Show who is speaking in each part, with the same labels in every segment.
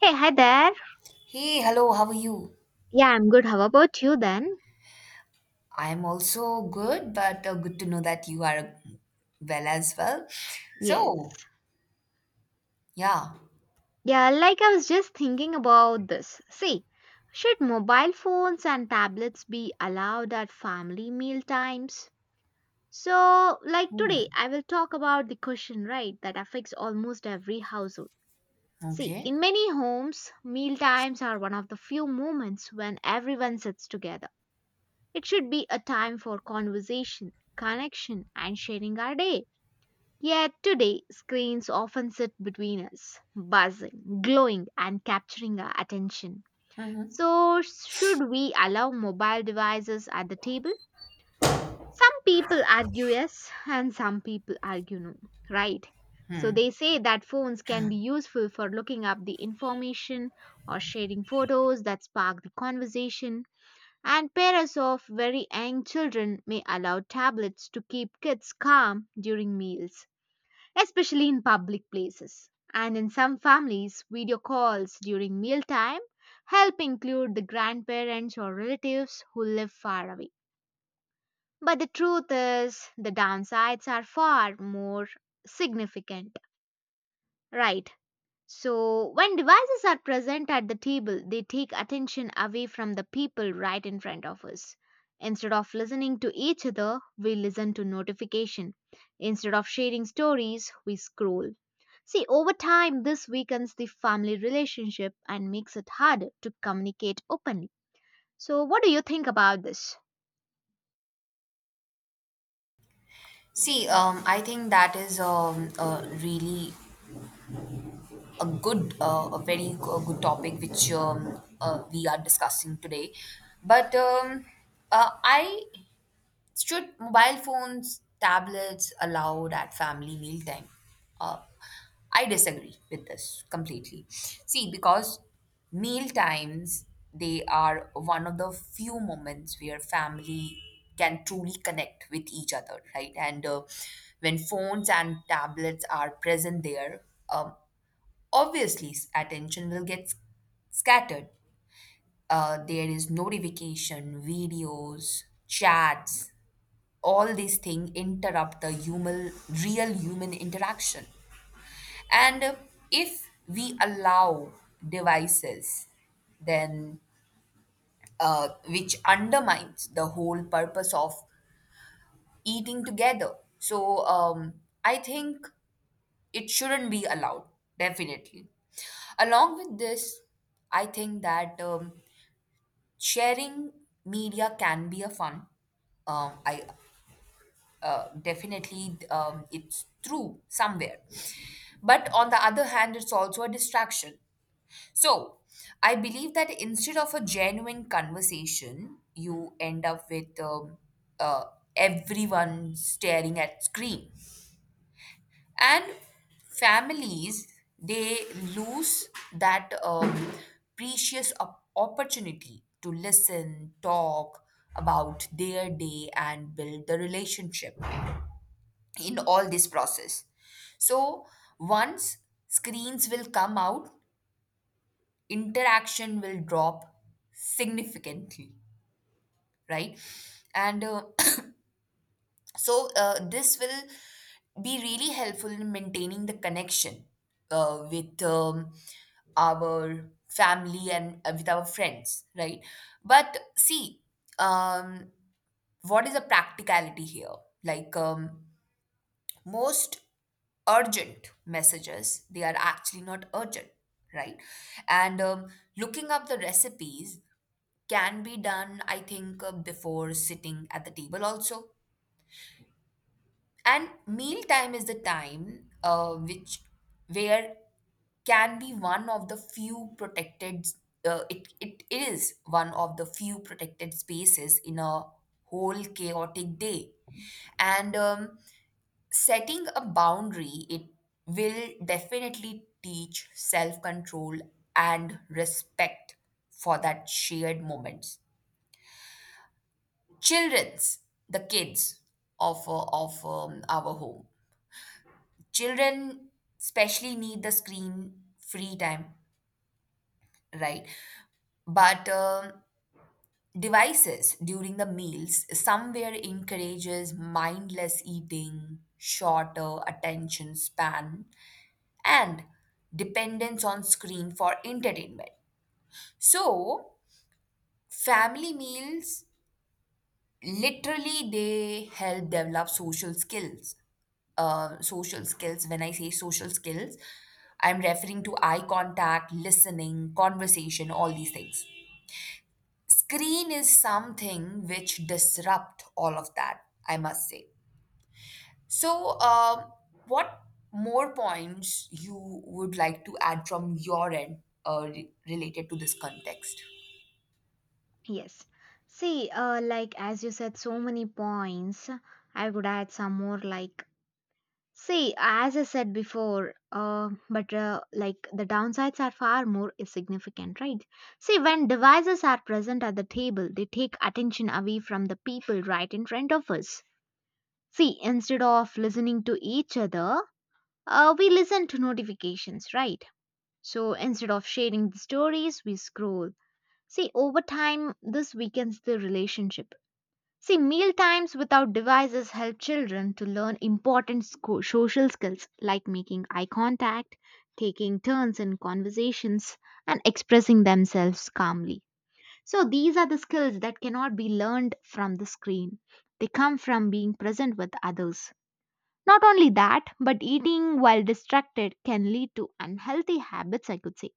Speaker 1: Hey, hi there.
Speaker 2: Hey, hello, how are you?
Speaker 1: Yeah, I'm good. How about you then?
Speaker 2: I'm also good, but good to know that you are well as well.
Speaker 1: Yes.
Speaker 2: So, yeah.
Speaker 1: Yeah, like I was just thinking about this. See, should mobile phones and tablets be allowed at family meal times? So, like today,
Speaker 2: Hmm.
Speaker 1: I will talk about the question, right, that affects almost every household. See,
Speaker 2: Okay.
Speaker 1: in many homes, meal times are one of the few moments when everyone sits together. It should be a time for conversation, connection, and sharing our day. Yet today, screens often sit between us, buzzing, glowing, and capturing our attention.
Speaker 2: Hmm.
Speaker 1: So, should we allow mobile devices at the table? Some people argue yes, and some people argue no, right? So, they say that phones can be useful for looking up the information or sharing photos that spark the conversation. And parents of very young children may allow tablets to keep kids calm during meals especially in public places. And in some families, video calls during mealtime help include the grandparents or relatives who live far away. But the truth is, the downsides are far more significant. Right, so, when devices are present at the table, they take attention away from the people right in front of us. Instead of listening to each other, we listen to notification. Instead of sharing stories, we scroll. See, over time, this weakens the family relationship and makes it harder to communicate openly. So, what do you think about this?
Speaker 2: See, I think that is a good, a very g- a good topic which we are discussing today. But I should mobile phones, tablets allowed at family mealtime? Uh, I disagree with this completely. See, because meal times, they are one of the few moments where family can truly connect with each other, right? And when phones and tablets are present there, um, obviously, attention will get scattered. There is notification, videos, chats, all these things interrupt the human real human interaction. And if we allow devices, then which undermines the whole purpose of eating together. So I think it shouldn't be allowed, definitely. Along with this, I think that sharing media can be a fun. I Definitely, it's true somewhere. But on the other hand, it's also a distraction. So I believe that instead of a genuine conversation, you end up with, uh, everyone staring at screen. And families, they lose that precious opportunity to listen, talk about their day, and build the relationship in all this process. So once screens will come out, interaction will drop significantly, right? And so this will be really helpful in maintaining the connection with our family and with our friends, right? But see, um, what is the practicality here? Like, most urgent messages, they are actually not urgent, right? And looking up the recipes can be done, I think, before sitting at the table also. And meal time is the time, which, where, can be one of the few protected. It, it is one of the few protected spaces in a whole chaotic day. And setting a boundary, it will definitely teach self control and respect for that shared moments. Children's The kids of our home, children especially need the screen free time, right? But devices during the meals somewhere encourages mindless eating, shorter attention span, and dependence on screen for entertainment. So family meals, literally, they help develop social skills. Social skills, when I say social skills, I'm referring to eye contact, listening, conversation, all these things. Screen is something which disrupt all of that, I must say. So, what more points you would like to add from your end related to this context?
Speaker 1: Yes. See, like as you said, so many points. I would add some more like. See, as I said before, but like the downsides are far more significant, right? See, when devices are present at the table, they take attention away from the people right in front of us. See, instead of listening to each other, we listen to notifications, right? So instead of sharing the stories, we scroll. See, over time, this weakens the relationship. See, meal times without devices help children to learn important social skills like making eye contact, taking turns in conversations, and expressing themselves calmly. So, these are the skills that cannot be learned from the screen. They come from being present with others. Not only that, but eating while distracted can lead to unhealthy habits, I could say.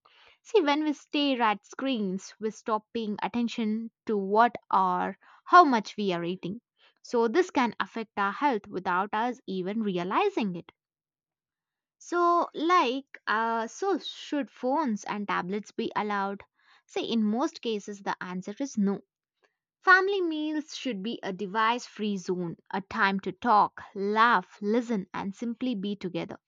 Speaker 1: See, when we stare at screens, we stop paying attention to what or how much we are eating. So, this can affect our health without us even realizing it. So, like, so should phones and tablets be allowed? See, in most cases, the answer is no. Family meals should be a device free zone, a time to talk, laugh, listen, and simply be together.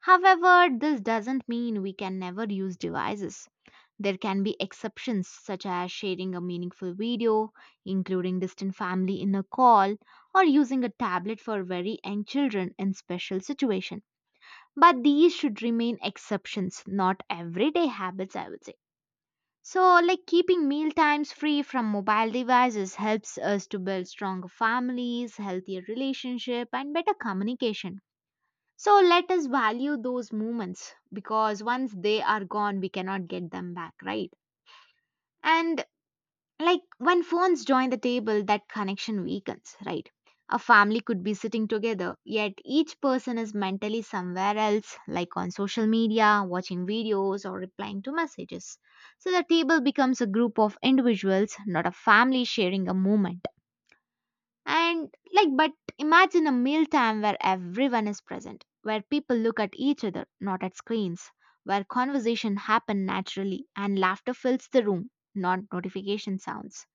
Speaker 1: However, this doesn't mean we can never use devices. There can be exceptions, such as sharing a meaningful video, including distant family in a call, or using a tablet for very young children in special situations. But these should remain exceptions, not everyday habits, I would say. So, like keeping meal times free from mobile devices helps us to build stronger families, healthier relationship, and better communication. So, let us value those moments because once they are gone, we cannot get them back, right? And like when phones join the table, that connection weakens, right? A family could be sitting together, yet each person is mentally somewhere else, like on social media, watching videos, or replying to messages. So the table becomes a group of individuals, not a family sharing a moment. And like, but imagine a mealtime where everyone is present, where people look at each other, not at screens, where conversation happen naturally and laughter fills the room, not notification sounds.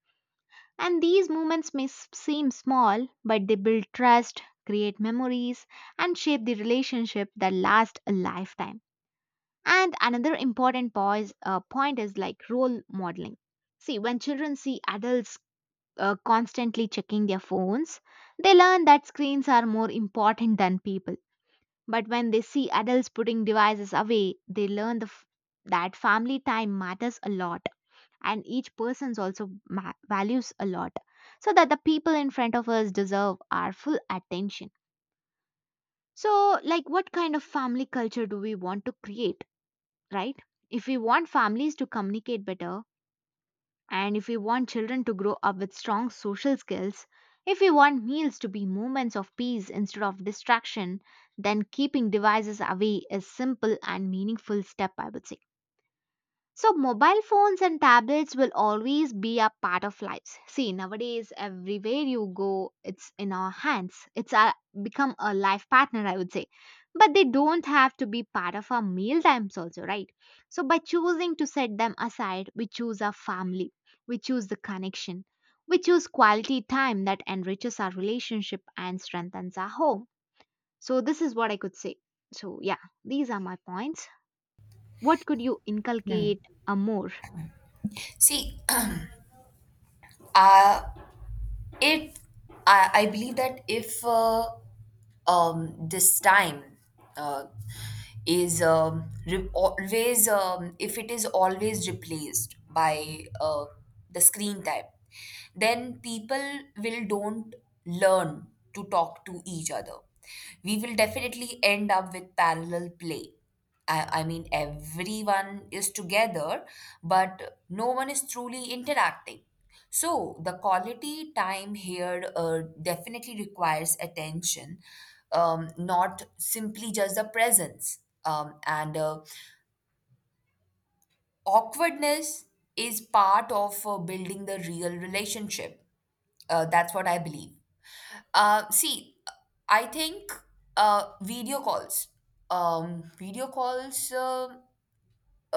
Speaker 1: And these moments may seem small, but they build trust, create memories, and shape the relationship that lasts a lifetime. And another important point is like role modeling. See, when children see adults constantly checking their phones, they learn that screens are more important than people. But when they see adults putting devices away, they learn that family time matters a lot, and each person's also values a lot, so that the people in front of us deserve our full attention. So, like, what kind of family culture do we want to create, right? If we want families to communicate better, and if we want children to grow up with strong social skills, if we want meals to be moments of peace instead of distraction, then keeping devices away is simple and meaningful step, I would say. So, mobile phones and tablets will always be a part of lives. See, nowadays, everywhere you go, it's in our hands. It's become a life partner, I would say. But they don't have to be part of our meal times, also, right? So, by choosing to set them aside, we choose our family, we choose the connection, we choose quality time that enriches our relationship and strengthens our home. So, this is what I could say. So, yeah, these are my points. What could you inculcate a more?
Speaker 2: See, uh, it I believe that if this time, uh, is, always, if it is always replaced by the screen time, then people will don't learn to talk to each other. We will definitely end up with parallel play. I mean, everyone is together, but no one is truly interacting. So, the quality time here definitely requires attention, not simply just the presence. And awkwardness is part of building the real relationship. That's what I believe. See, I think, video calls. Video calls,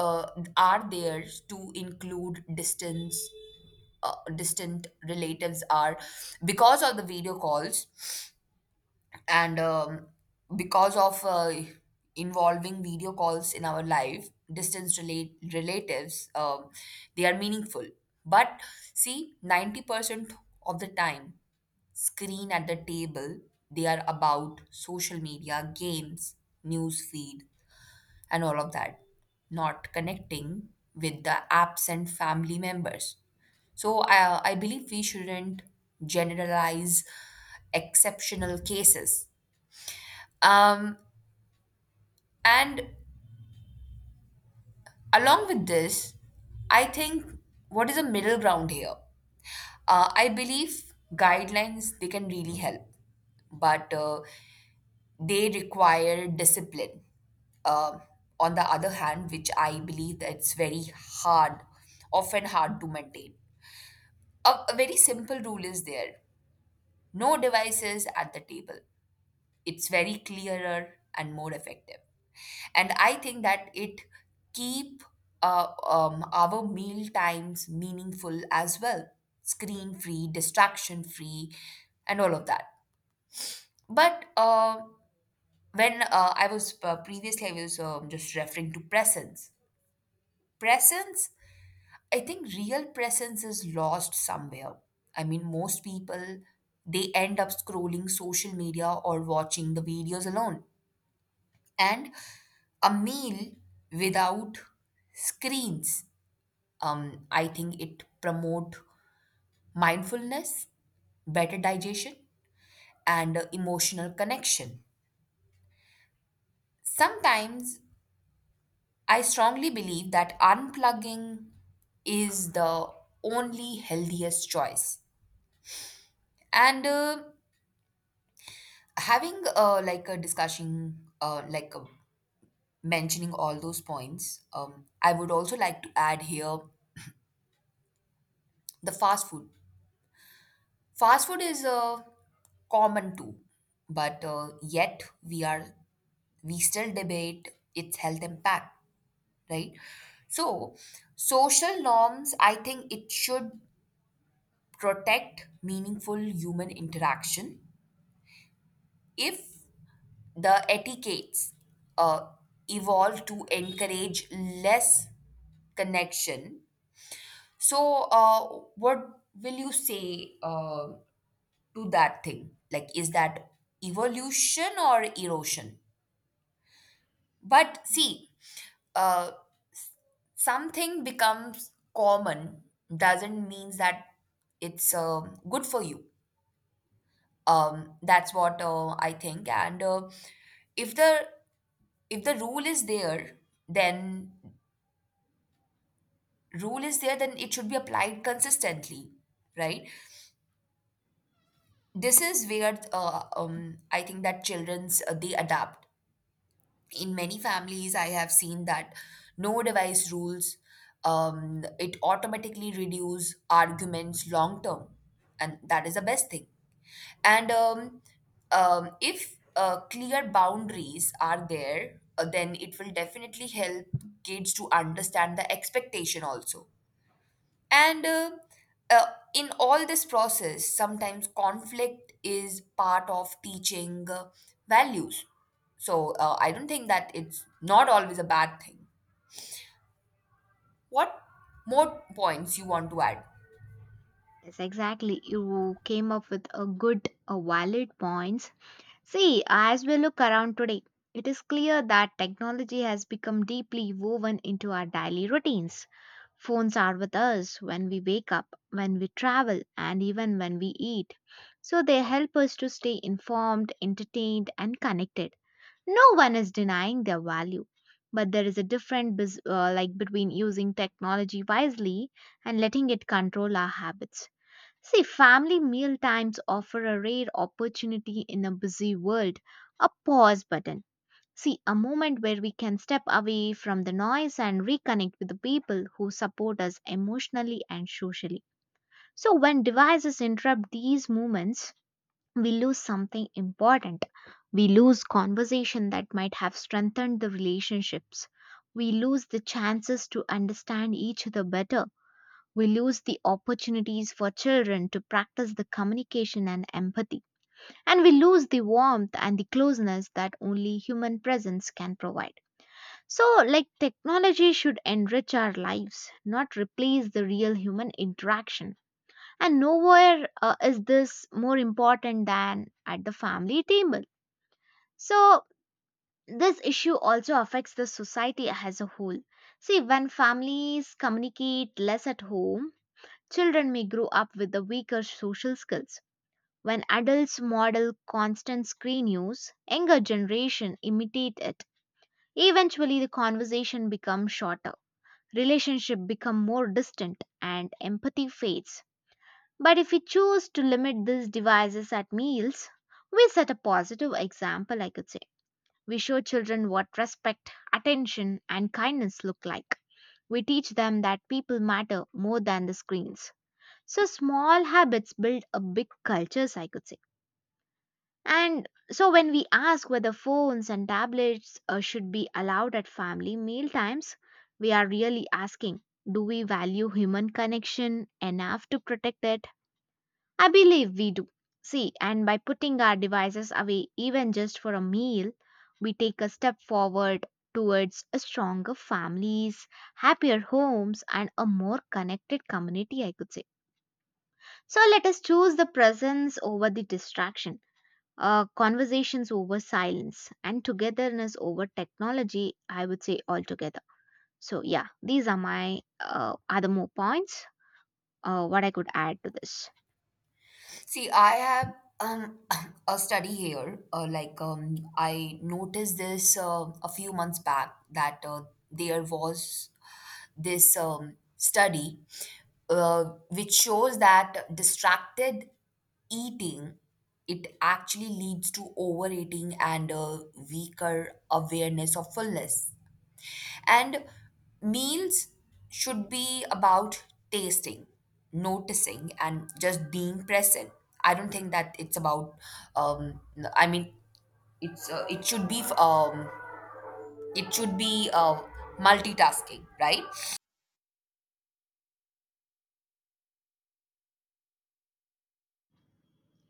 Speaker 2: uh, are there to include distance distant relatives, are because of the video calls, and because of involving video calls in our life, distance relate relatives, they are meaningful. But see, 90% of the time, screen at the table, they are about social media, games, news feed, and all of that, not connecting with the absent family members. So I believe we shouldn't generalize exceptional cases. Um, and Along with this, I think, what is a middle ground here? I believe guidelines, they can really help, but they require discipline. Um on the other hand, which I believe that it's very hard, often hard to maintain. A very simple rule is there: no devices at the table. It's very clearer and more effective, and I think that it keep our meal times meaningful as well, screen free, distraction free, and all of that. But when I was previously, I was just referring to presence. Presence, I think, real presence is lost somewhere. I mean, most people, they end up scrolling social media or watching the videos alone. And a meal without screens, I think it promote mindfulness, better digestion, and emotional connection. Sometimes I strongly believe that unplugging is the only healthiest choice. And having like a discussion, mentioning all those points, I would also like to add here: the fast food is common too, but yet we still debate its health impact, right? So, social norms, I think it should protect meaningful human interaction if the etiquettes uh, evolve to encourage less connection. So, what will you say to that thing? Like, is that evolution or erosion? But
Speaker 1: Mhm.
Speaker 2: see, uh, something becomes common doesn't mean that it's good for you. That's what I think. And if the, if the rule is there, then, rule is there, then it should be applied consistently, right? This is where I think that children's, they adapt. In many families I have seen that no device rules, it automatically reduce arguments long term, and that is the best thing. And if clear boundaries are there, then it will definitely help kids to understand the expectation also. And uh, in all this process, sometimes conflict is part of teaching values. So I don't think that it's not always a bad thing. What more points you want to add?
Speaker 1: Yes, exactly. You came up with a good, a valid points. See, as we look around today, it is clear that technology has become deeply woven into our daily routines. Phones are with us when we wake up, when we travel, and even when we eat. So they help us to stay informed, entertained, and connected. No one is denying their value, but there is a different like between using technology wisely and letting it control our habits. See, family meal times offer a rare opportunity in a busy world, a pause button. See, a moment where we can step away from the noise and reconnect with the people who support us emotionally and socially. So, when devices interrupt these moments, we lose something important. We lose conversation that might have strengthened the relationships. We lose the chances to understand each other better. We lose the opportunities for children to practice the communication and empathy. And we lose the warmth and the closeness that only human presence can provide. So, like, technology should enrich our lives, not replace the real human interaction. And nowhere is this more important than at the family table. So, this issue also affects the society as a whole. See, when families communicate less at home, children may grow up with the weaker social skills. When adults model constant screen use, younger generation imitate it. Eventually the conversation becomes shorter, relationship become more distant and empathy fades. But if we choose to limit these devices at meals, we set a positive example, I could say. We show children what respect, attention, and kindness look like. We teach them that people matter more than the screens. So small habits build a big cultures, I could say. And so when we ask whether phones and tablets should be allowed at family meal times, we are really asking, do we value human connection enough to protect it? I believe we do. See, and by putting our devices away even just for a meal, we take a step forward towards a stronger families, happier homes and a more connected community, I could say. So let us choose the presence over the distraction, conversations over silence, and togetherness over technology, I would say altogether. So, yeah, these are my other more points, what I could add to this.
Speaker 2: See, I have um, a study here. Like, I noticed this a few months back, that there was this study, which shows that distracted eating, it actually leads to overeating and a weaker awareness of fullness. And meals should be about tasting, noticing, and just being present. I don't think that it's about. Um, I mean, it's uh, it should be um, it should be multitasking, right?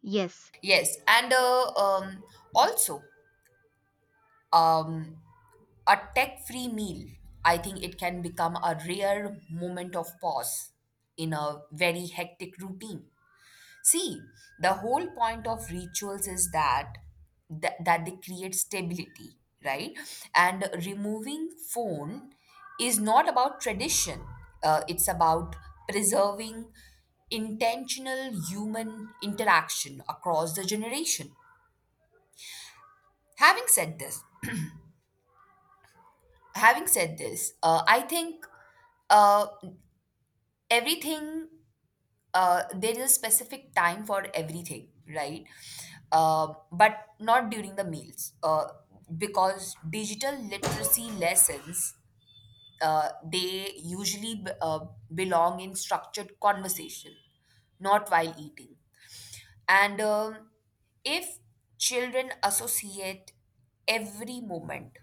Speaker 1: Yes,
Speaker 2: Yes, and also, um, a tech-free meal. I think it can become a rare moment of pause in a very hectic routine. See, the whole point of rituals is that that they create stability, right? And removing phone is not about tradition. It's about preserving intentional human interaction across the generation. Having said this, having said this, I think uh, everything, there is a specific time for everything, right? But not during the meals, because digital literacy lessons, they usually belong in structured conversation, not while eating. And if children associate every moment,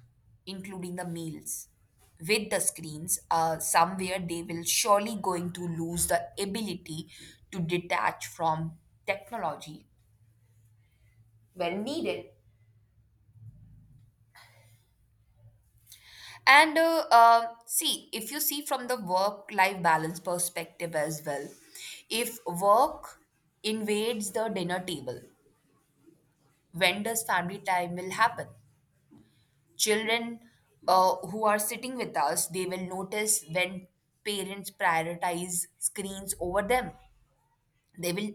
Speaker 2: including the meals, with the screens, somewhere they will surely going to lose the ability to detach from technology when needed. And see, if you see from the work life balance perspective as well, if work invades the dinner table, when does family time will happen? Children, who are sitting with us, they will notice when parents prioritize screens over them. they will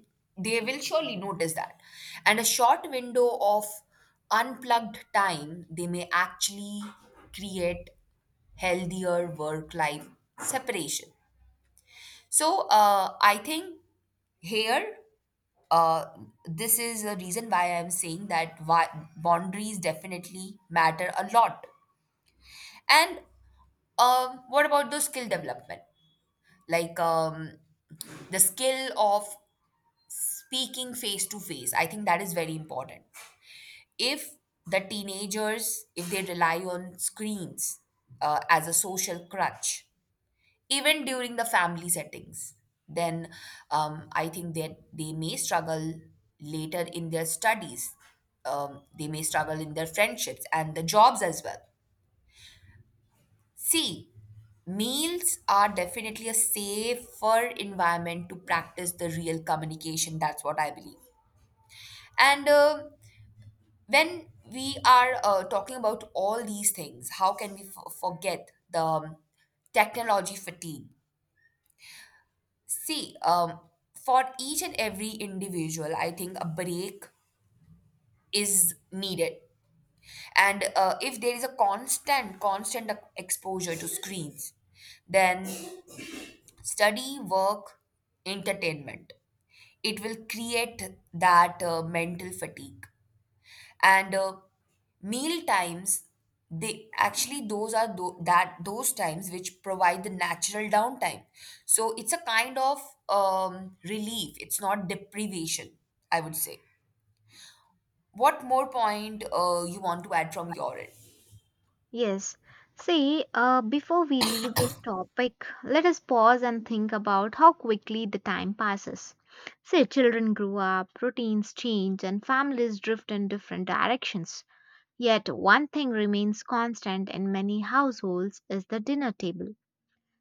Speaker 2: they will surely notice that. And a short window of unplugged time, they may actually create healthier work life separation. So I think here, uh, this is the reason why I'm saying that, why boundaries definitely matter a lot. And what about those skill development, like, the skill of speaking face to face? I think that is very important. If the teenagers, if they rely on screens as a social crutch even during the family settings, then I think that they may struggle later in their studies. They may struggle in their friendships and the jobs as well. See, meals are definitely a safer environment to practice the real communication. That's what I believe. And when we are talking about all these things, how can we forget the technology fatigue? See, for each and every individual, I think a break is needed. And if there is a constant, constant exposure to screens, then study, work, entertainment, it will create that mental fatigue. And meal times, they actually, those are tho- that those times which provide the natural downtime. So it's a kind of, relief, it's not deprivation, I would say. What more point you want to add from your end?
Speaker 1: yes. See, before we leave this topic, let us pause and think about how quickly the time passes. Say, children grow up, routines change, and families drift in different directions. Yet one thing remains constant in many households is the dinner table.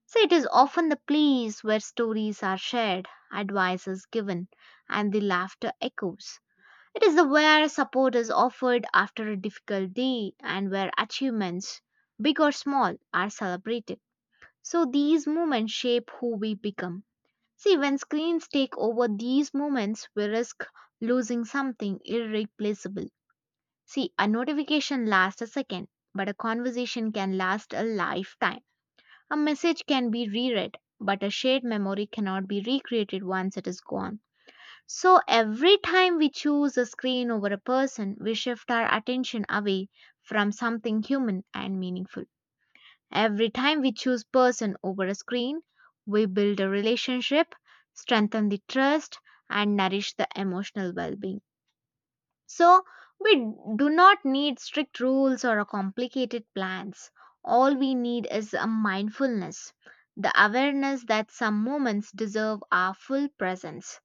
Speaker 1: So it is often the place where stories are shared, advice is given, and the laughter echoes. It is the where support is offered after a difficult day and where achievements, big or small, are celebrated. So these moments shape who we become. See, when screens take over these moments, we risk losing something irreplaceable. See, a notification lasts a second, but a conversation can last a lifetime. A message can be reread, but a shared memory cannot be recreated once it is gone. So, every time we choose a screen over a person, we shift our attention away from something human and meaningful. Every time we choose person over a screen, we build a relationship, strengthen the trust, and nourish the emotional well being. So, we do not need strict rules or a complicated plans. All we need is a mindfulness, the awareness that some moments deserve our full presence.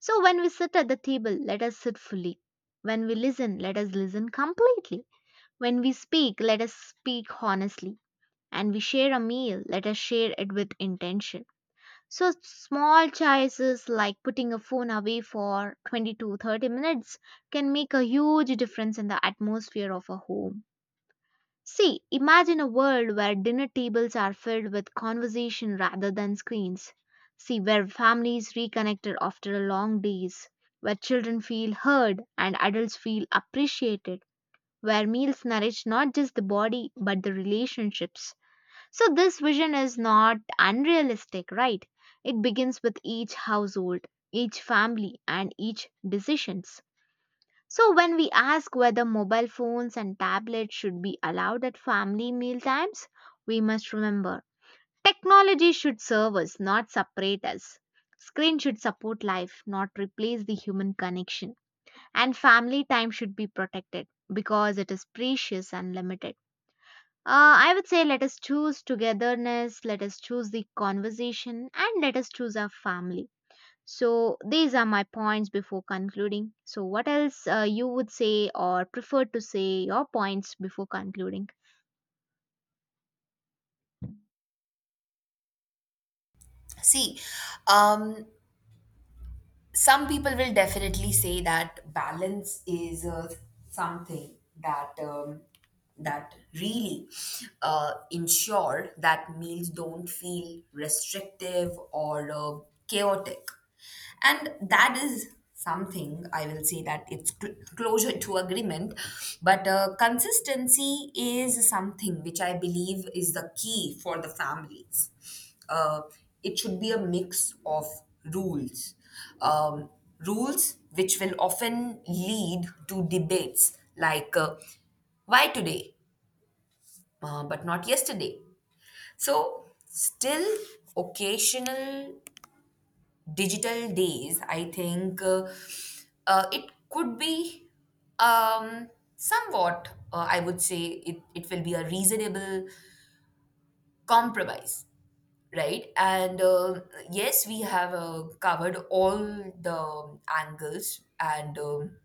Speaker 1: So, when we sit at the table, let us sit fully. When we listen, let us listen completely. When we speak, let us speak honestly. And we share a meal, let us share it with intention. So small choices like putting a phone away for 20 to 30 minutes can make a huge difference in the atmosphere of a home. See, imagine a world where dinner tables are filled with conversation rather than screens. See, where families reconnected after a long days, where children feel heard and adults feel appreciated, where meals nourish not just the body but the relationships. So, this vision is not unrealistic, right? It begins with each household, each family, and each decisions. So, when we ask whether mobile phones and tablets should be allowed at family meal times, we must remember technology should serve us, not separate us. Screen should support life, not replace the human connection. And family time should be protected because it is precious and limited. I would say let us choose togetherness, let us choose the conversation, and let us choose our family. So these are my points before concluding. So what else you would say or prefer to say your points before concluding?
Speaker 2: See, um some people will definitely say that balance is something, that um, that really ensure that meals don't feel restrictive or chaotic, and that is something I will say that it's closure to agreement. But consistency is something which I believe is the key for the families. uh, it should be a mix of rules. Um, Rules which will often lead to debates, like, why today, but not yesterday. So, still occasional digital days, I think, it could be um, somewhat, I would say, it will be a reasonable compromise. Right? And yes, we have covered all the angles. And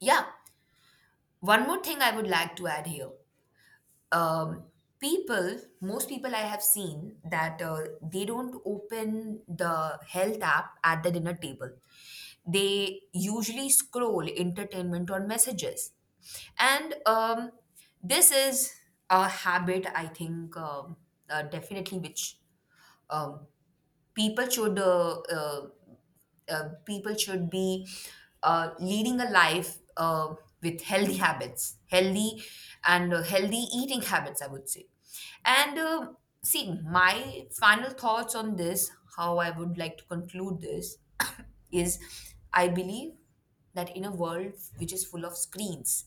Speaker 2: yeah, one more thing I would like to add here. Um, Most people I have seen that they don't open the health app at the dinner table. They usually scroll entertainment or messages. And this is a habit, I think, definitely, which, um, people should uh, uh, people should be leading a life with healthy habits, healthy eating habits, I would say. And see, my final thoughts on this, how I would like to conclude this, is, I believe that in a world which is full of screens,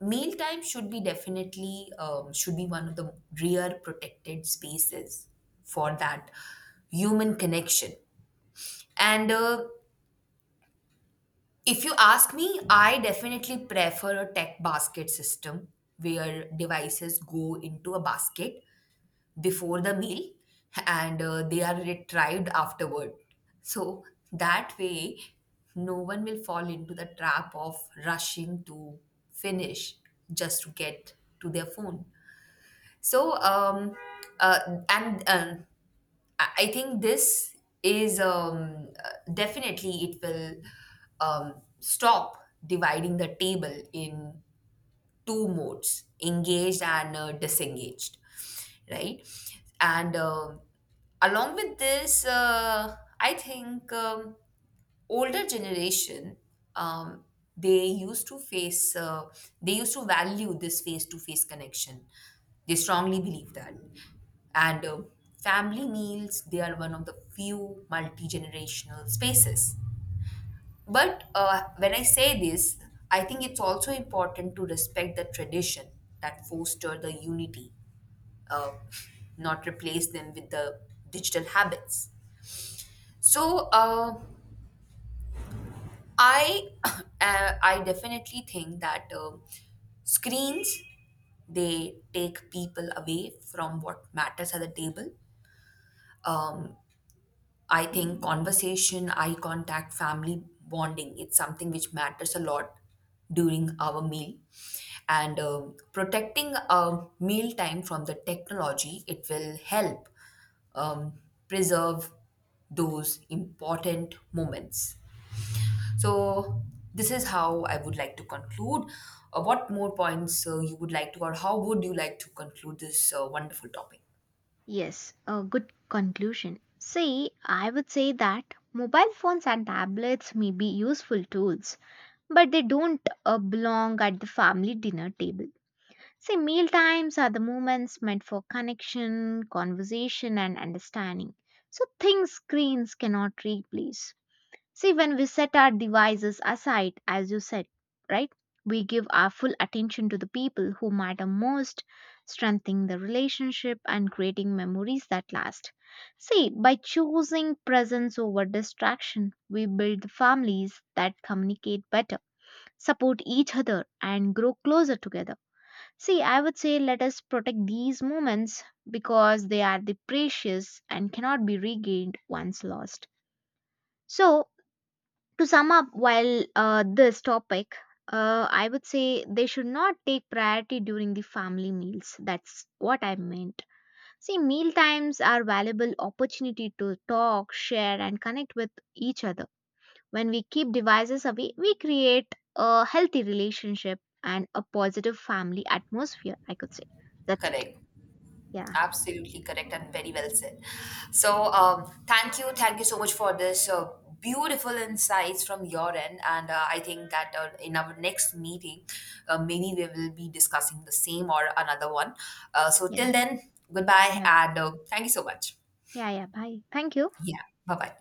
Speaker 2: mealtime should be definitely, should be one of the rare protected spaces for that human connection. And if you ask me, I definitely prefer a tech basket system where devices go into a basket before the meal, and they are retrieved afterward. So that way, no one will fall into the trap of rushing to finish just to get to their phone. So, uh, and I think this is, definitely it will um, stop dividing the table in two modes, engaged and disengaged, right? And along with this, I think. Older generation, um, they used to value this face to face connection. They strongly believe that, and family meals, they are one of the few multi-generational spaces. But when I say this, I think it's also important to respect the tradition that foster the unity, uh, not replace them with the digital habits. So I I definitely think that screens, they take people away from what matters at the table. Um, I think conversation, eye contact, family bonding, it's something which matters a lot during our meal. And protecting, meal time from the technology, it will help um, preserve those important moments. So, this is how I would like to conclude. What more points, you would like to, or how would you like to conclude this wonderful topic?
Speaker 1: Yes, a good conclusion. See, I would say that mobile phones and tablets may be useful tools, but they don't belong at the family dinner table. See, meal times are the moments meant for connection, conversation, and understanding. So, things screens cannot replace. See, when we set our devices aside, as you said, right, we give our full attention to the people who matter most, strengthening the relationship and creating memories that last. See, by choosing presence over distraction, we build families that communicate better, support each other, and grow closer together. See, I would say let us protect these moments because they are the precious and cannot be regained once lost. So, to sum up, while this topic, I would say they should not take priority during the family meals. That's what I meant. See, meal times are valuable opportunity to talk, share, and connect with each other. When we keep devices away, we create a healthy relationship and a positive family atmosphere. I could say that's it.
Speaker 2: Correct.
Speaker 1: Yeah,
Speaker 2: Absolutely correct and very well said. So, thank you so much for this beautiful insights from your end, and I think that in our next meeting, maybe we will be discussing the same or another one. So,
Speaker 1: yeah.
Speaker 2: till then, goodbye,
Speaker 1: Bye.
Speaker 2: and thank you so much.
Speaker 1: Yeah, yeah. Bye. Thank you.
Speaker 2: Yeah, bye bye.